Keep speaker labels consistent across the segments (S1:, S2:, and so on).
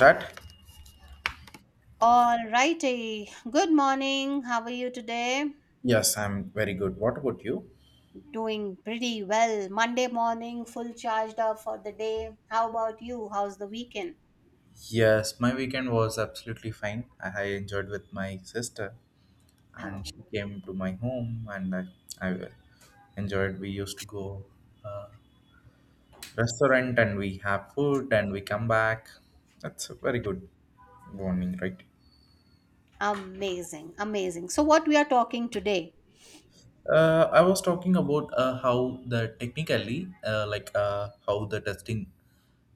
S1: Right?
S2: All righty. Good morning. How are you today?
S1: Yes, I'm very good. What about you?
S2: Doing pretty well. Monday morning, full charged up for the day. How about you? How's the weekend?
S1: Yes, my weekend was absolutely fine. I enjoyed with my sister, and she
S2: Oh,
S1: came to my home, and I enjoyed. We used to go uh, restaurant, and we have food, and we come back. That's a very good morning, right?
S2: amazing. Amazing. So, what we are talking today?
S1: I was talking about how the technically, like how the testing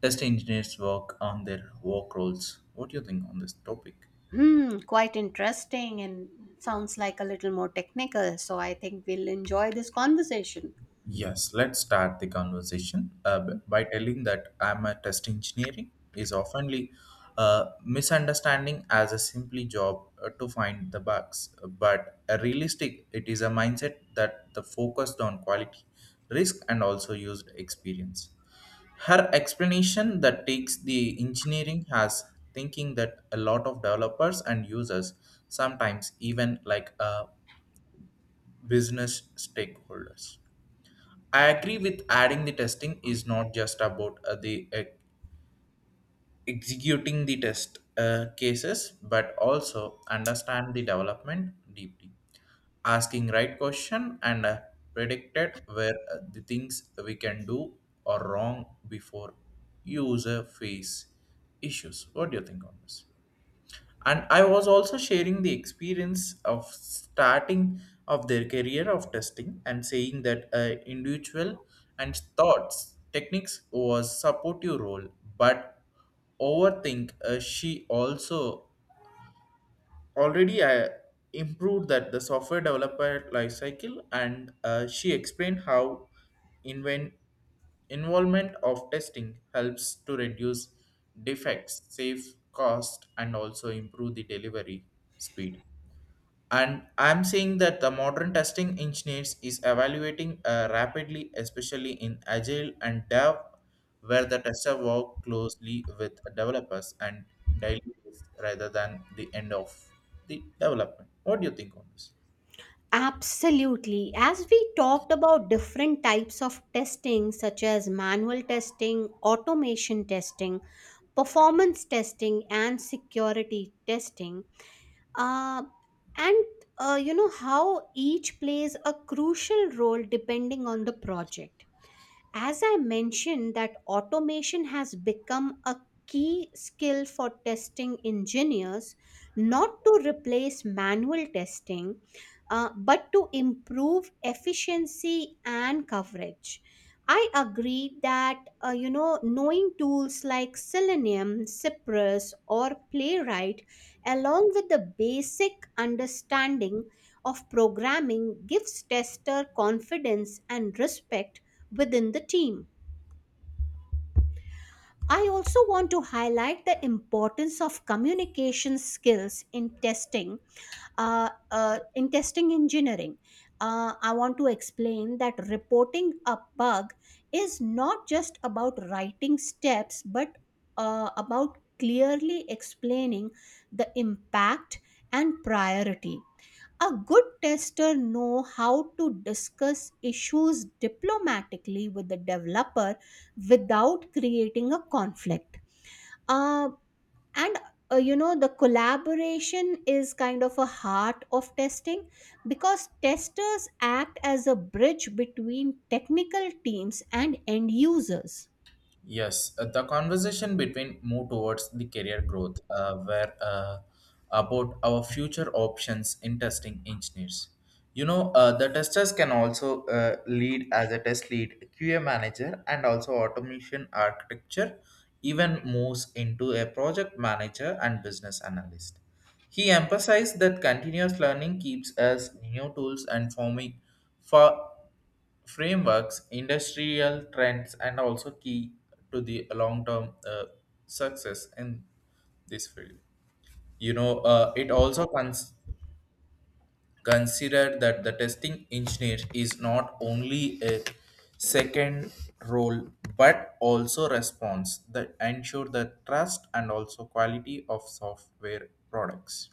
S1: test engineers work on their work roles. What do you think on this topic?
S2: Hmm, quite interesting and sounds like a little more technical. So, I think we'll enjoy this conversation.
S1: Yes, let's start the conversation by telling that I'm a test engineering is oftenly misunderstanding as a simply job to find the bugs, but a realistic it is a mindset that the focused on quality, risk, and also used experience. Her explanation that takes the engineering has thinking that a lot of developers and users sometimes even like business stakeholders. I agree with adding the testing is not just about the executing the test cases, but also understand the development deeply, asking right question and predicted where the things we can do or wrong before user face issues. What do you think on this? And I was also sharing the experience of starting of their career of testing and saying that individual and thoughts techniques was supportive role, but overthink she also already I improved that the software developer lifecycle, and she explained how invent involvement of testing helps to reduce defects, save cost, and also improve the delivery speed. And I'm saying that the modern testing engineers is evaluating rapidly, especially in agile and dev, where the tester work closely with developers and daily basis rather than the end of the development. What do you think on this?
S2: Absolutely. As we talked about different types of testing, such as manual testing, automation testing, performance testing and security testing uh, and you know how each plays a crucial role depending on the project as I mentioned that automation has become a key skill for testing engineers, not to replace manual testing, but to improve efficiency and coverage. I agree that, you know, knowing tools like Selenium, Cypress or Playwright, along with the basic understanding of programming, gives tester confidence and respect within the team. I also want to highlight the importance of communication skills in testing engineering. I want to explain that reporting a bug is not just about writing steps, but about clearly explaining the impact and priority. A good tester know how to discuss issues diplomatically with the developer without creating a conflict. Uh, and you know the collaboration is kind of a heart of testing because testers act as a bridge between technical teams and end users.
S1: Yes, the conversation between move towards the career growth, where about our future options in testing engineers. You know, the testers can also lead as a test lead, QA manager, and also automation architecture. Even moves into a project manager and business analyst. He emphasized that continuous learning keeps us new tools and forming for frameworks, industrial trends, and also key to the long-term success in this field. You know, it also considered that the testing engineer is not only a second role but also response that ensure the trust and also quality of software products.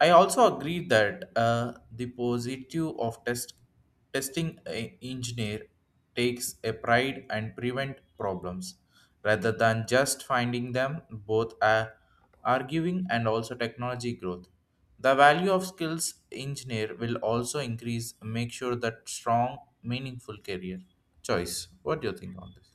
S1: I also agree that the positive of testing engineer takes a pride and prevent problems rather than just finding them, both are arguing and also technology growth. The value of skills engineer will also increase make sure that strong meaningful career choice. What do you think on this?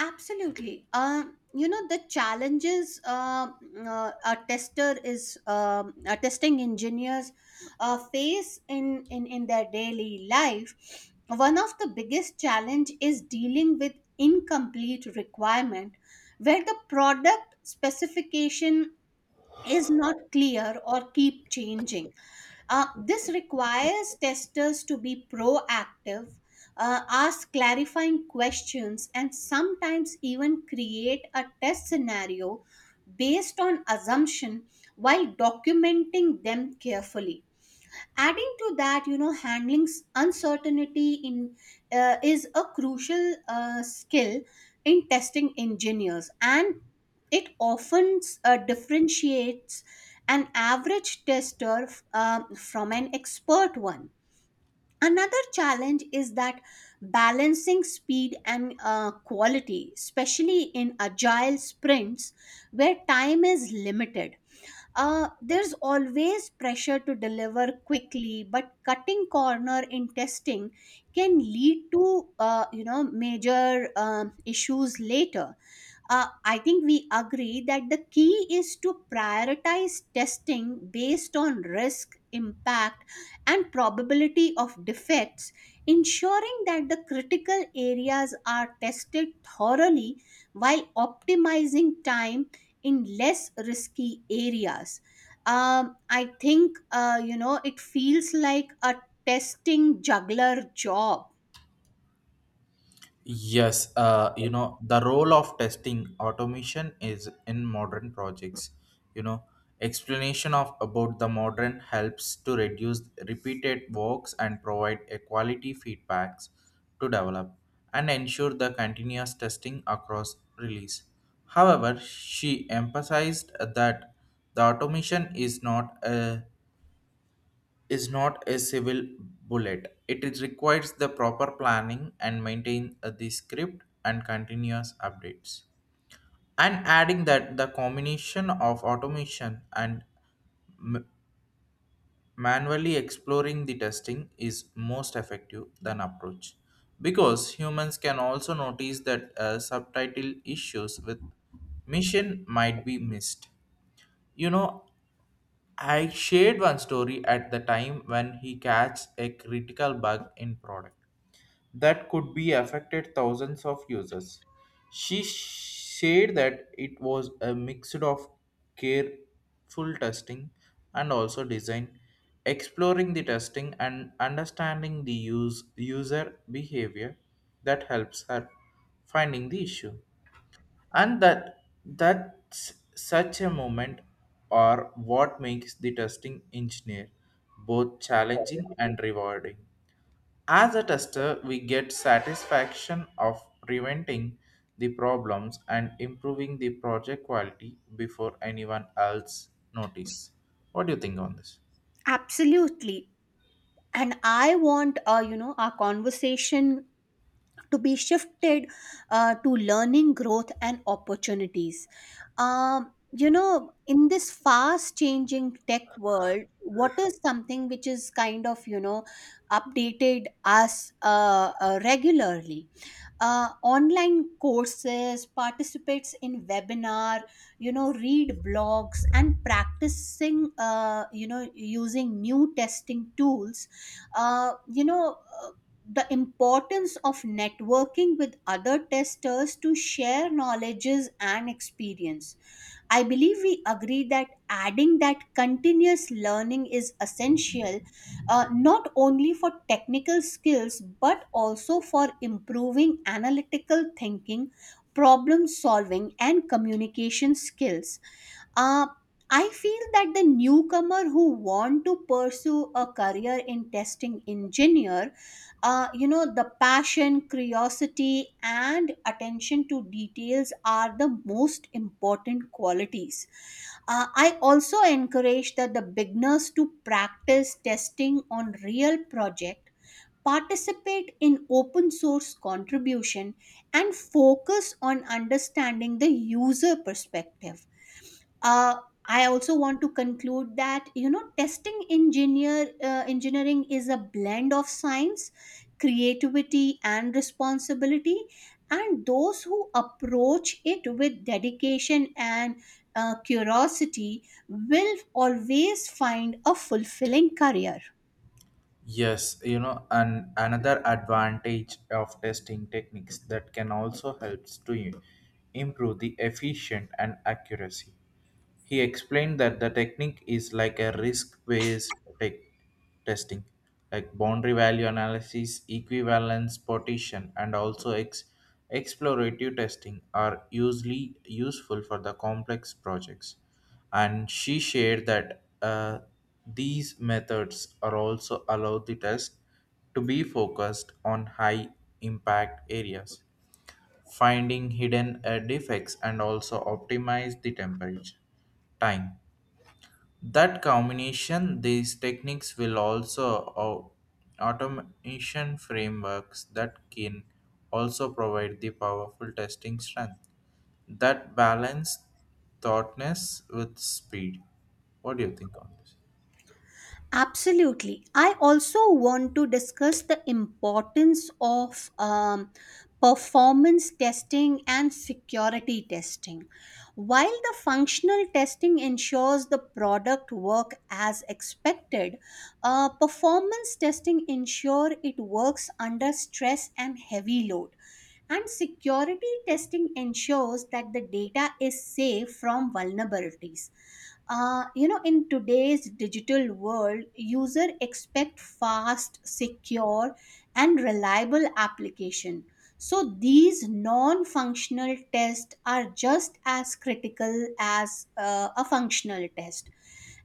S2: Absolutely. You know the challenges, a tester is, a testing engineers face in, in their daily life. One of the biggest challenge is dealing with incomplete requirement, where the product specification is not clear or keep changing. This requires testers to be proactive, ask clarifying questions, and sometimes even create a test scenario based on assumption while documenting them carefully. Adding to that, you know, handling uncertainty in is a crucial skill in testing engineers, and it often differentiates an average tester from an expert one. Another challenge is that balancing speed and quality, especially in agile sprints where time is limited. There's always pressure to deliver quickly, but cutting corner in testing can lead to, you know, major issues later. I think we agree that the key is to prioritize testing based on risk, impact, and probability of defects, ensuring that the critical areas are tested thoroughly while optimizing time in less risky areas. I think, you know, it feels like a testing juggler job.
S1: Yes, you know, the role of testing automation is in modern projects. You know, explanation of about the modern helps to reduce repeated works and provide a quality feedbacks to develop and ensure the continuous testing across release. However, she emphasized that the automation is not a civil bullet. It is requires the proper planning and maintain the script and continuous updates. And adding that the combination of automation and m- manually exploring the testing is most effective than approach, because humans can also notice that subtitle issues with mission might be missed. You know, I shared one story at the time when he catches a critical bug in product that could be affected thousands of users. She said that it was a mix of careful testing and also design, exploring the testing and understanding the use, user behavior that helps her finding the issue. And that's such a moment or what makes the testing engineer both challenging and rewarding. As a tester, we get satisfaction of preventing the problems and improving the project quality before anyone else notice. What do you think on this?
S2: Absolutely. And I want, you know, our conversation to be shifted to learning, growth, and opportunities. You know, in this fast changing tech world, what is something which is kind of, you know, updated us regularly? Online courses, participates in webinar, you know, read blogs and practicing, you know, using new testing tools, uh, you know uh, the importance of networking with other testers to share knowledges and experience. I believe we agree that adding that continuous learning is essential, not only for technical skills but also for improving analytical thinking, problem solving, and communication skills. Uh, I feel that the newcomer who want to pursue a career in testing engineer, you know the passion, curiosity and attention to details are the most important qualities. I also encourage that the beginners to practice testing on real project, participate in open source contribution, and focus on understanding the user perspective. uh, I also want to conclude that, you know, testing engineering is a blend of science, creativity, and responsibility. And those who approach it with dedication and curiosity will always find a fulfilling career.
S1: Yes, you know, and another advantage of testing techniques that can also helps to improve the efficient and accuracy. He explained that the technique is like a risk based tech testing, like boundary value analysis, equivalence partition, and also explorative testing are usually useful for the complex projects. And she shared that these methods are also allow the test to be focused on high impact areas, finding hidden defects and also optimize the temperature time that combination these techniques will also automation frameworks that can also provide the powerful testing strength that balance thoughtness with speed. What do you think on this?
S2: Absolutely. I also want to discuss the importance of, performance testing and security testing. While the functional testing ensures the product work as expected, performance testing ensure it works under stress and heavy load. And security testing ensures that the data is safe from vulnerabilities. You know, in today's digital world user expect fast, secure and reliable application, so these non-functional tests are just as critical as a functional test.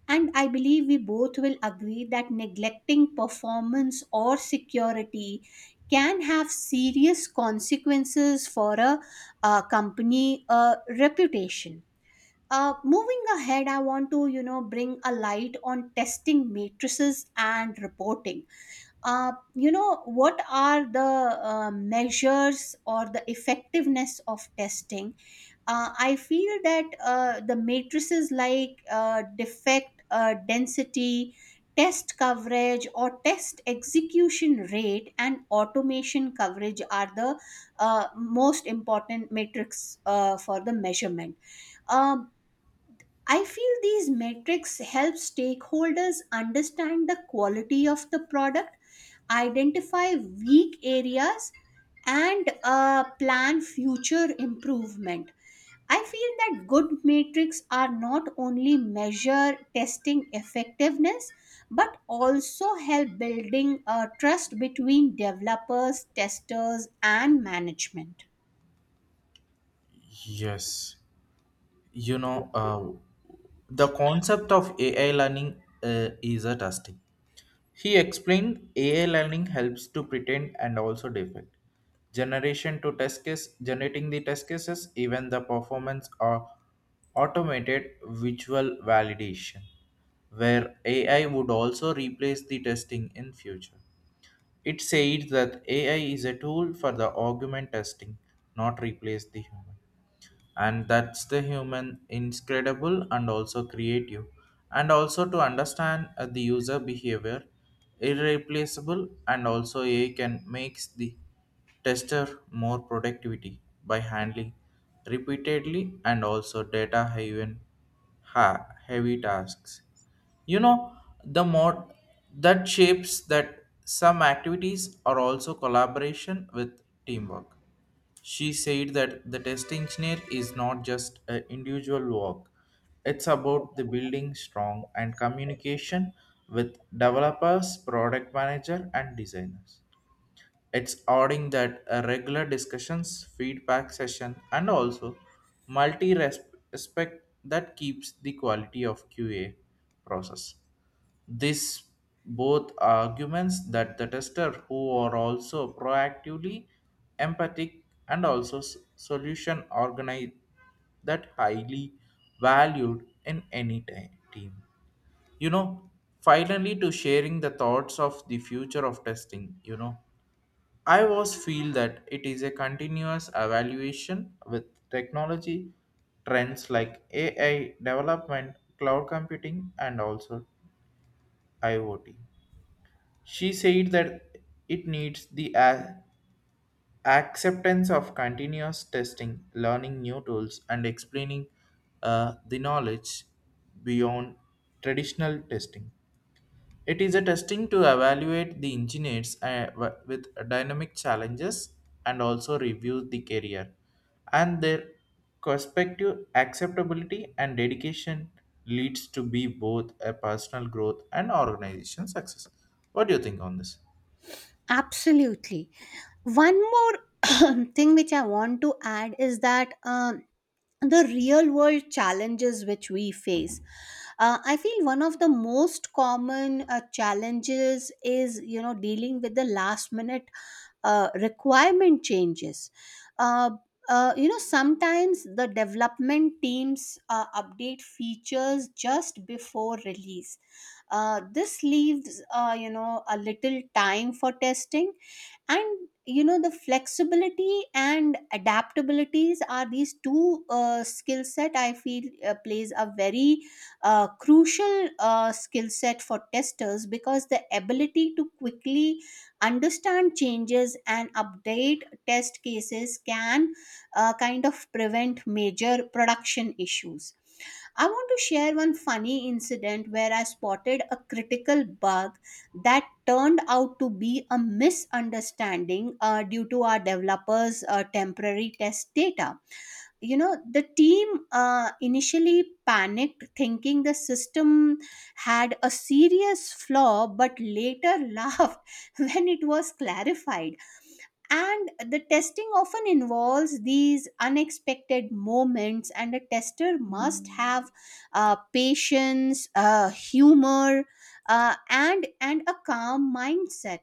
S2: And I believe we both will agree that neglecting performance or security can have serious consequences for a company reputation. Moving ahead, I want to, you know, bring a light on testing matrices and reporting. You know, what are the measures or the effectiveness of testing? I feel that the matrices like, defect density, test coverage, or test execution rate and automation coverage are the most important metrics for the measurement. Uh, I feel these metrics help stakeholders understand the quality of the product, identify weak areas, and plan future improvement. I feel that good metrics are not only measure testing effectiveness but also help building trust between developers, testers, and management.
S1: Yes, you know, the concept of AI learning is a testing. He explained AI learning helps to pretend and also defect. Generation to test case, generating the test cases, even the performance or automated visual validation, where AI would also replace the testing in future. It said that AI is a tool for the argument testing, not replace the human. And that's the human incredible and also creative. And also to understand the user behavior, irreplaceable, and also AI can makes the tester more productivity by handling repeatedly and also data heavy tasks. You know, the mod that shapes that some activities are also collaboration with teamwork. She said that the test engineer is not just an individual work. It's about the building strong and communication with developers, product manager, and designers. It's adding that a regular discussions, feedback session, and also multi respect that keeps the quality of QA process. This both arguments that the tester who are also proactively empathic and also solution organized that highly valued in any team. You know, finally to sharing the thoughts of the future of testing, you know. I was feel that it is a continuous evaluation with technology trends like AI development, cloud computing, and also IoT. She said that it needs the acceptance of continuous testing, learning new tools, and explaining the knowledge beyond traditional testing. It is a testing to evaluate the engineers with dynamic challenges and also review the career and their perspective acceptability and dedication leads to be both a personal growth and organization success. What do you think on this?
S2: Absolutely. One more thing which I want to add is that, the real world challenges which we face. I feel one of the most common challenges is, you know, dealing with the last minute requirement changes. Uh, you know, sometimes the development teams update features just before release. This leaves, you know, a little time for testing, and you know the flexibility and adaptabilities are these two skill set, I feel, plays a very crucial skill set for testers, because the ability to quickly understand changes and update test cases can kind of prevent major production issues. I want to share one funny incident where I spotted a critical bug that turned out to be a misunderstanding due to our developers' temporary test data. You know, the team initially panicked thinking the system had a serious flaw, but later laughed when it was clarified. And the testing often involves these unexpected moments, and a tester must have patience, humor, and a calm mindset.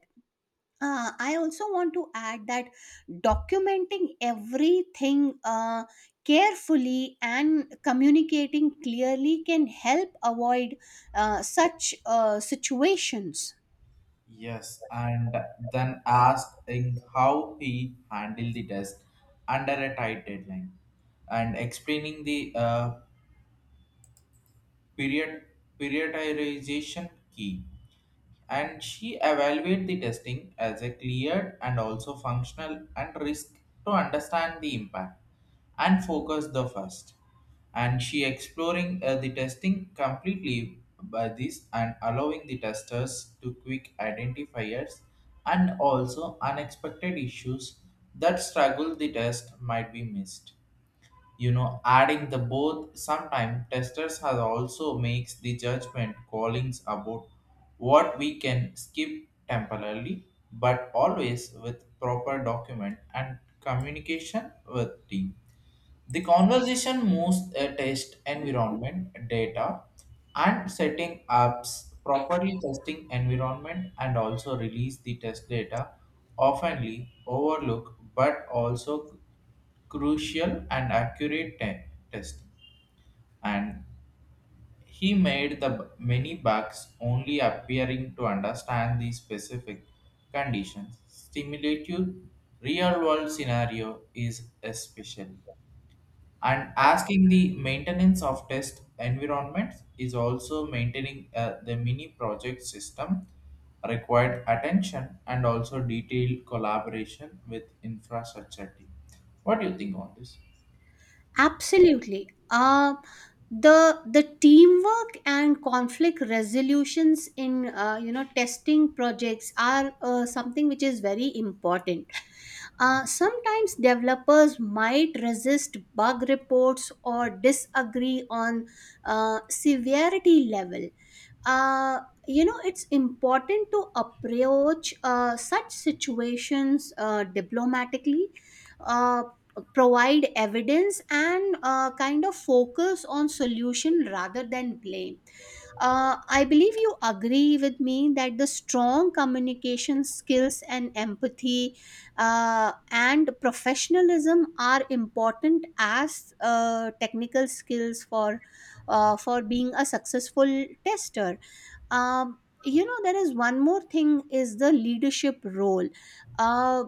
S2: I also want to add that documenting everything carefully and communicating clearly can help avoid such situations.
S1: Yes, and then asking how he handled the test under a tight deadline and explaining the period, periodization key, and she evaluate the testing as a cleared and also functional and risk to understand the impact and focus the first. And she exploring the testing completely by this and allowing the testers to quick identifiers and also unexpected issues that struggle the test might be missed. You know, adding the both sometime testers has also makes the judgment callings about what we can skip temporarily, but always with proper document and communication with team. The conversation moves a test environment data and setting ups properly testing environment and also release the test data oftenly overlook, but also crucial and accurate test, and he made the many bugs only appearing to understand the specific conditions. Stimulative real-world scenario is especially, and asking the maintenance of test environments is also maintaining the mini project system required attention and also detailed collaboration with infrastructure team. What do you think on this?
S2: Absolutely. The teamwork and conflict resolutions in, you know, testing projects are something which is very important. Sometimes developers might resist bug reports or disagree on severity level. Uh, you know, it's important to approach such situations diplomatically. Uh, Provide evidence and kind of focus on solution rather than blame. I believe you agree with me that the strong communication skills and empathy and professionalism are important as technical skills for being a successful tester. You know there is one more thing is the leadership role. Uh,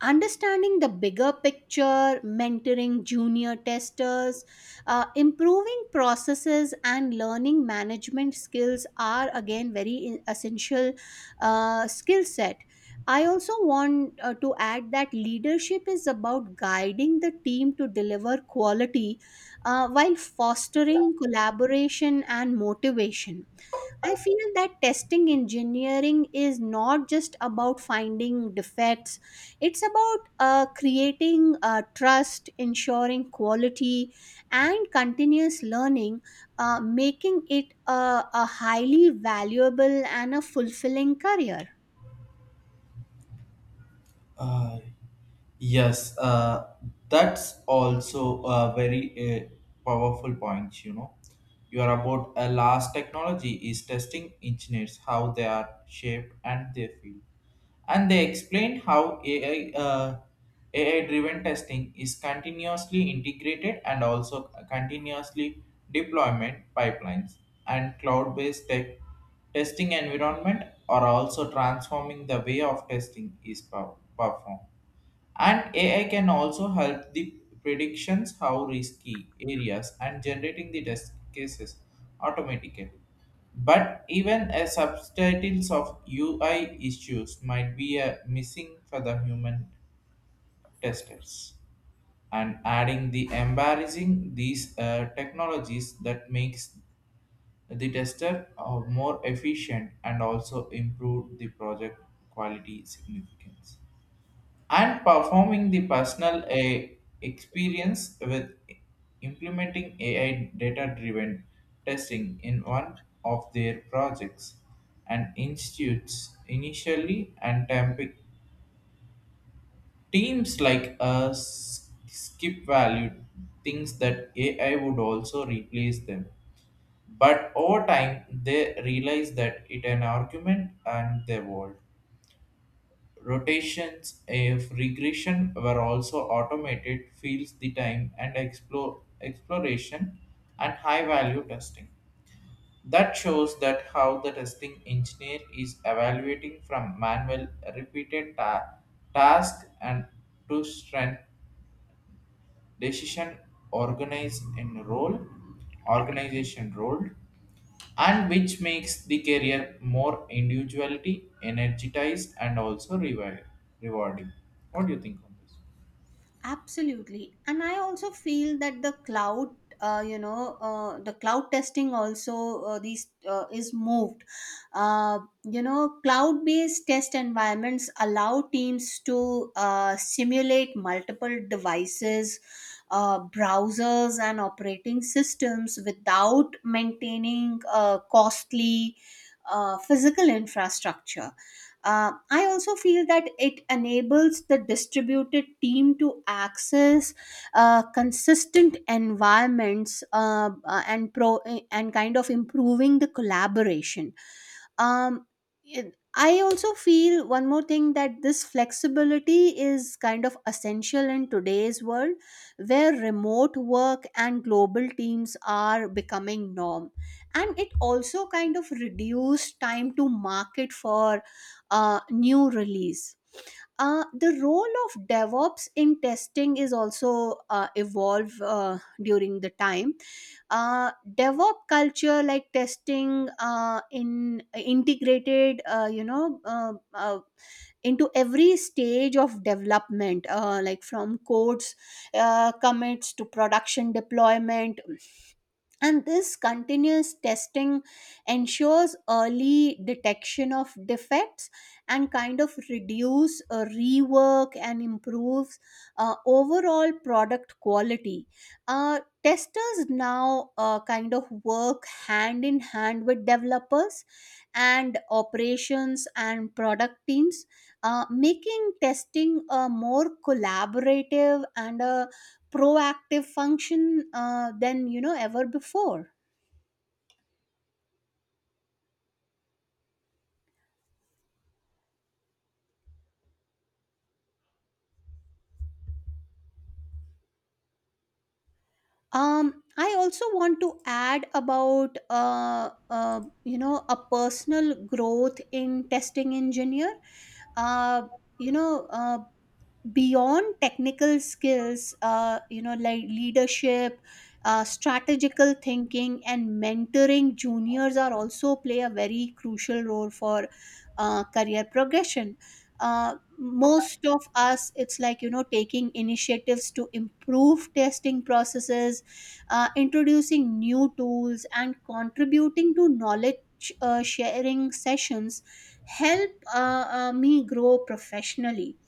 S2: Understanding the bigger picture, mentoring junior testers, improving processes, and learning management skills are again very essential skill set. I also want to add that leadership is about guiding the team to deliver quality while fostering collaboration and motivation. I feel that testing engineering is not just about finding defects, it's about creating trust, ensuring quality, and continuous learning, making it a highly valuable and a fulfilling career.
S1: Uh, Yes, that's also a very powerful point. You know, you are about a last technology is testing engineers how they are shaped and they feel, and they explain how AI driven testing is continuously integrated and also continuously deployment pipelines, and cloud based tech testing environment are also transforming the way of testing is performed. And AI can also help the predictions how risky areas and generating the test cases automatically. But even a subtitles of UI issues might be a missing for the human testers. And adding the embarrassing these technologies that makes the tester more efficient and also improve the project quality significance and performing the personal a experience with implementing AI data driven testing in one of their projects and institutes initially and teams like us skip value thinks that AI would also replace them. But over time, they realize that it an argument and their world. Rotations if regression were also automated fields the time and explore exploration and high value testing. That shows that how the testing engineer is evaluating from manual repeated task and to strength decision organized in role organization role, and which makes the career more individuality energized and also rewarding. What do you think on this?
S2: Absolutely. And I also feel that the cloud, you know, the cloud testing also these is moved. You know, cloud-based test environments allow teams to simulate multiple devices, browsers, and operating systems without maintaining costly physical infrastructure. I also feel that it enables the distributed team to access consistent environments, and kind of improving the collaboration. Um, I also feel one more thing, that this flexibility is kind of essential in today's world where remote work and global teams are becoming norm, and it also kind of reduced time to market for new release. The role of DevOps in testing is also evolved during the time. DevOps culture, like testing in integrated, into every stage of development, like from codes, commits to production deployment, and this continuous testing ensures early detection of defects and kind of reduce rework and improves overall product quality. Testers now kind of work hand in hand with developers and operations and product teams, making testing a more collaborative and a proactive function than, you know, ever before. I also want to add about, you know, a personal growth in testing engineer. uh, you know uh, Beyond technical skills, you know, like leadership, strategical thinking and mentoring juniors are also play a very crucial role for career progression. Most of us it's like, you know, taking initiatives to improve testing processes, introducing new tools and contributing to knowledge sharing sessions, help me grow professionally.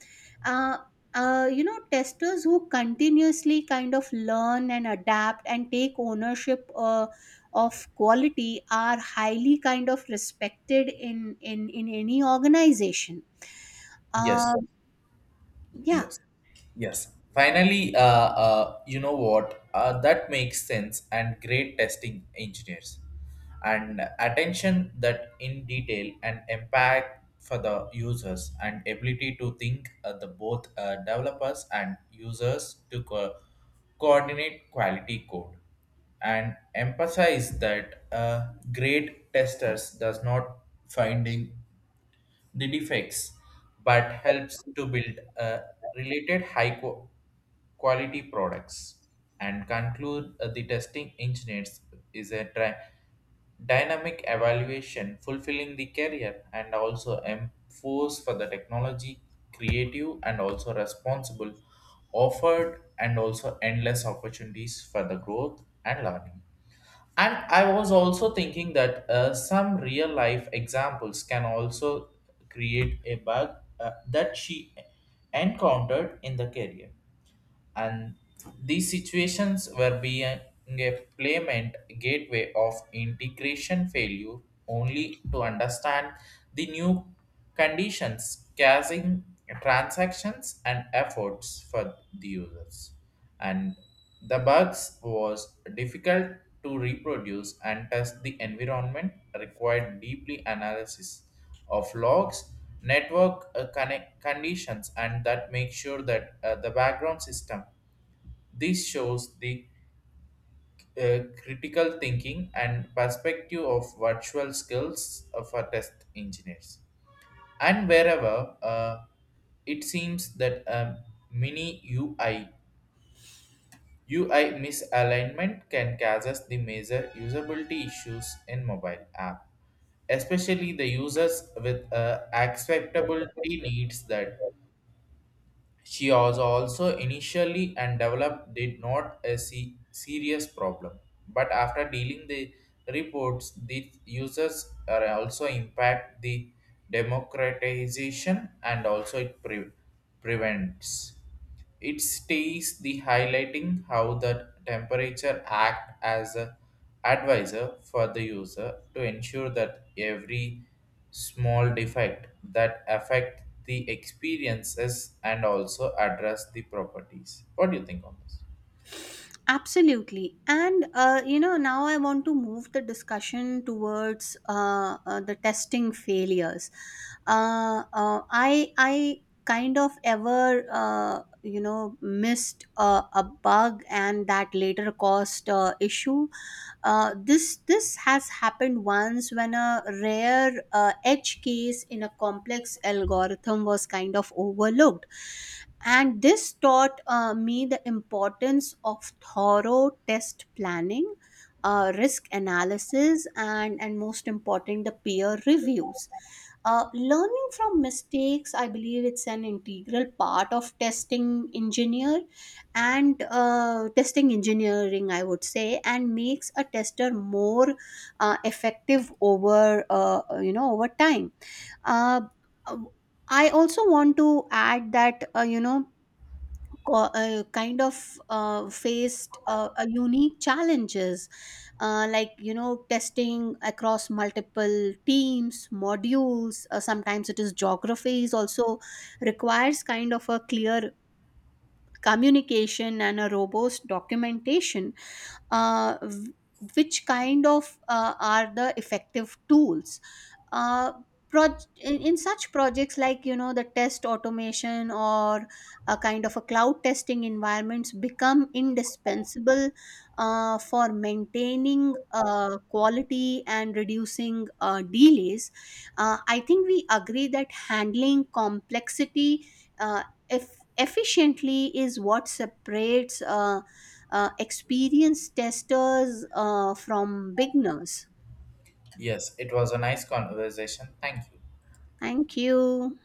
S2: Uh, you know, testers who continuously kind of learn and adapt and take ownership of quality are highly kind of respected in in any organization. Uh,
S1: Yes,
S2: yeah.
S1: Yes. Yes. Finally, you know what? That makes sense. And great testing engineers and attention that in detail and impact for the users and ability to think the both developers and users to coordinate quality code and emphasize that great testers does not finding the defects, but helps to build related quality products. And conclude the testing engineers is a dynamic evaluation fulfilling the career and also enforce for the technology creative and also responsible offered and also endless opportunities for the growth and learning. And I was also thinking that some real life examples can also create a bug that she encountered in the career, and these situations were being a payment gateway of integration failure only to understand the new conditions causing transactions and efforts for the users. And the bugs was difficult to reproduce and test the environment required deeply analysis of logs, network connect conditions, and that make sure that the background system. This shows the critical thinking and perspective of virtual skills of our test engineers. And wherever it seems that mini UI misalignment can cause us the major usability issues in mobile app, especially the users with acceptability needs that. She was also initially and developed did not a serious problem, but after dealing the reports, the users are also impact the democratization and also it prevents. It stays the highlighting how the temperature act as a advisor for the user to ensure that every small defect that affect the experiences and also address the properties. What do you think on this?
S2: Absolutely. And, you know, now I want to move the discussion towards the testing failures. I kind of ever, you know, missed a bug and that later caused issue. This has happened once when a rare edge case in a complex algorithm was kind of overlooked, and this taught me the importance of thorough test planning, risk analysis, and most important the peer reviews. Learning from mistakes, I believe it's an integral part of testing engineer and testing engineering, I would say, and makes a tester more effective over, you know, over time. uh, I also want to add that, you know, kind of faced a unique challenges like, you know, testing across multiple teams modules, sometimes it is geographies also requires kind of a clear communication and a robust documentation. uh, w- which kind of are the effective tools, uh, in such projects like, you know, the test automation or a kind of a cloud testing environments become indispensable for maintaining quality and reducing delays. I think we agree that handling complexity uh, efficiently is what separates experienced testers from beginners.
S1: Yes, it was a nice conversation. Thank you.
S2: Thank you.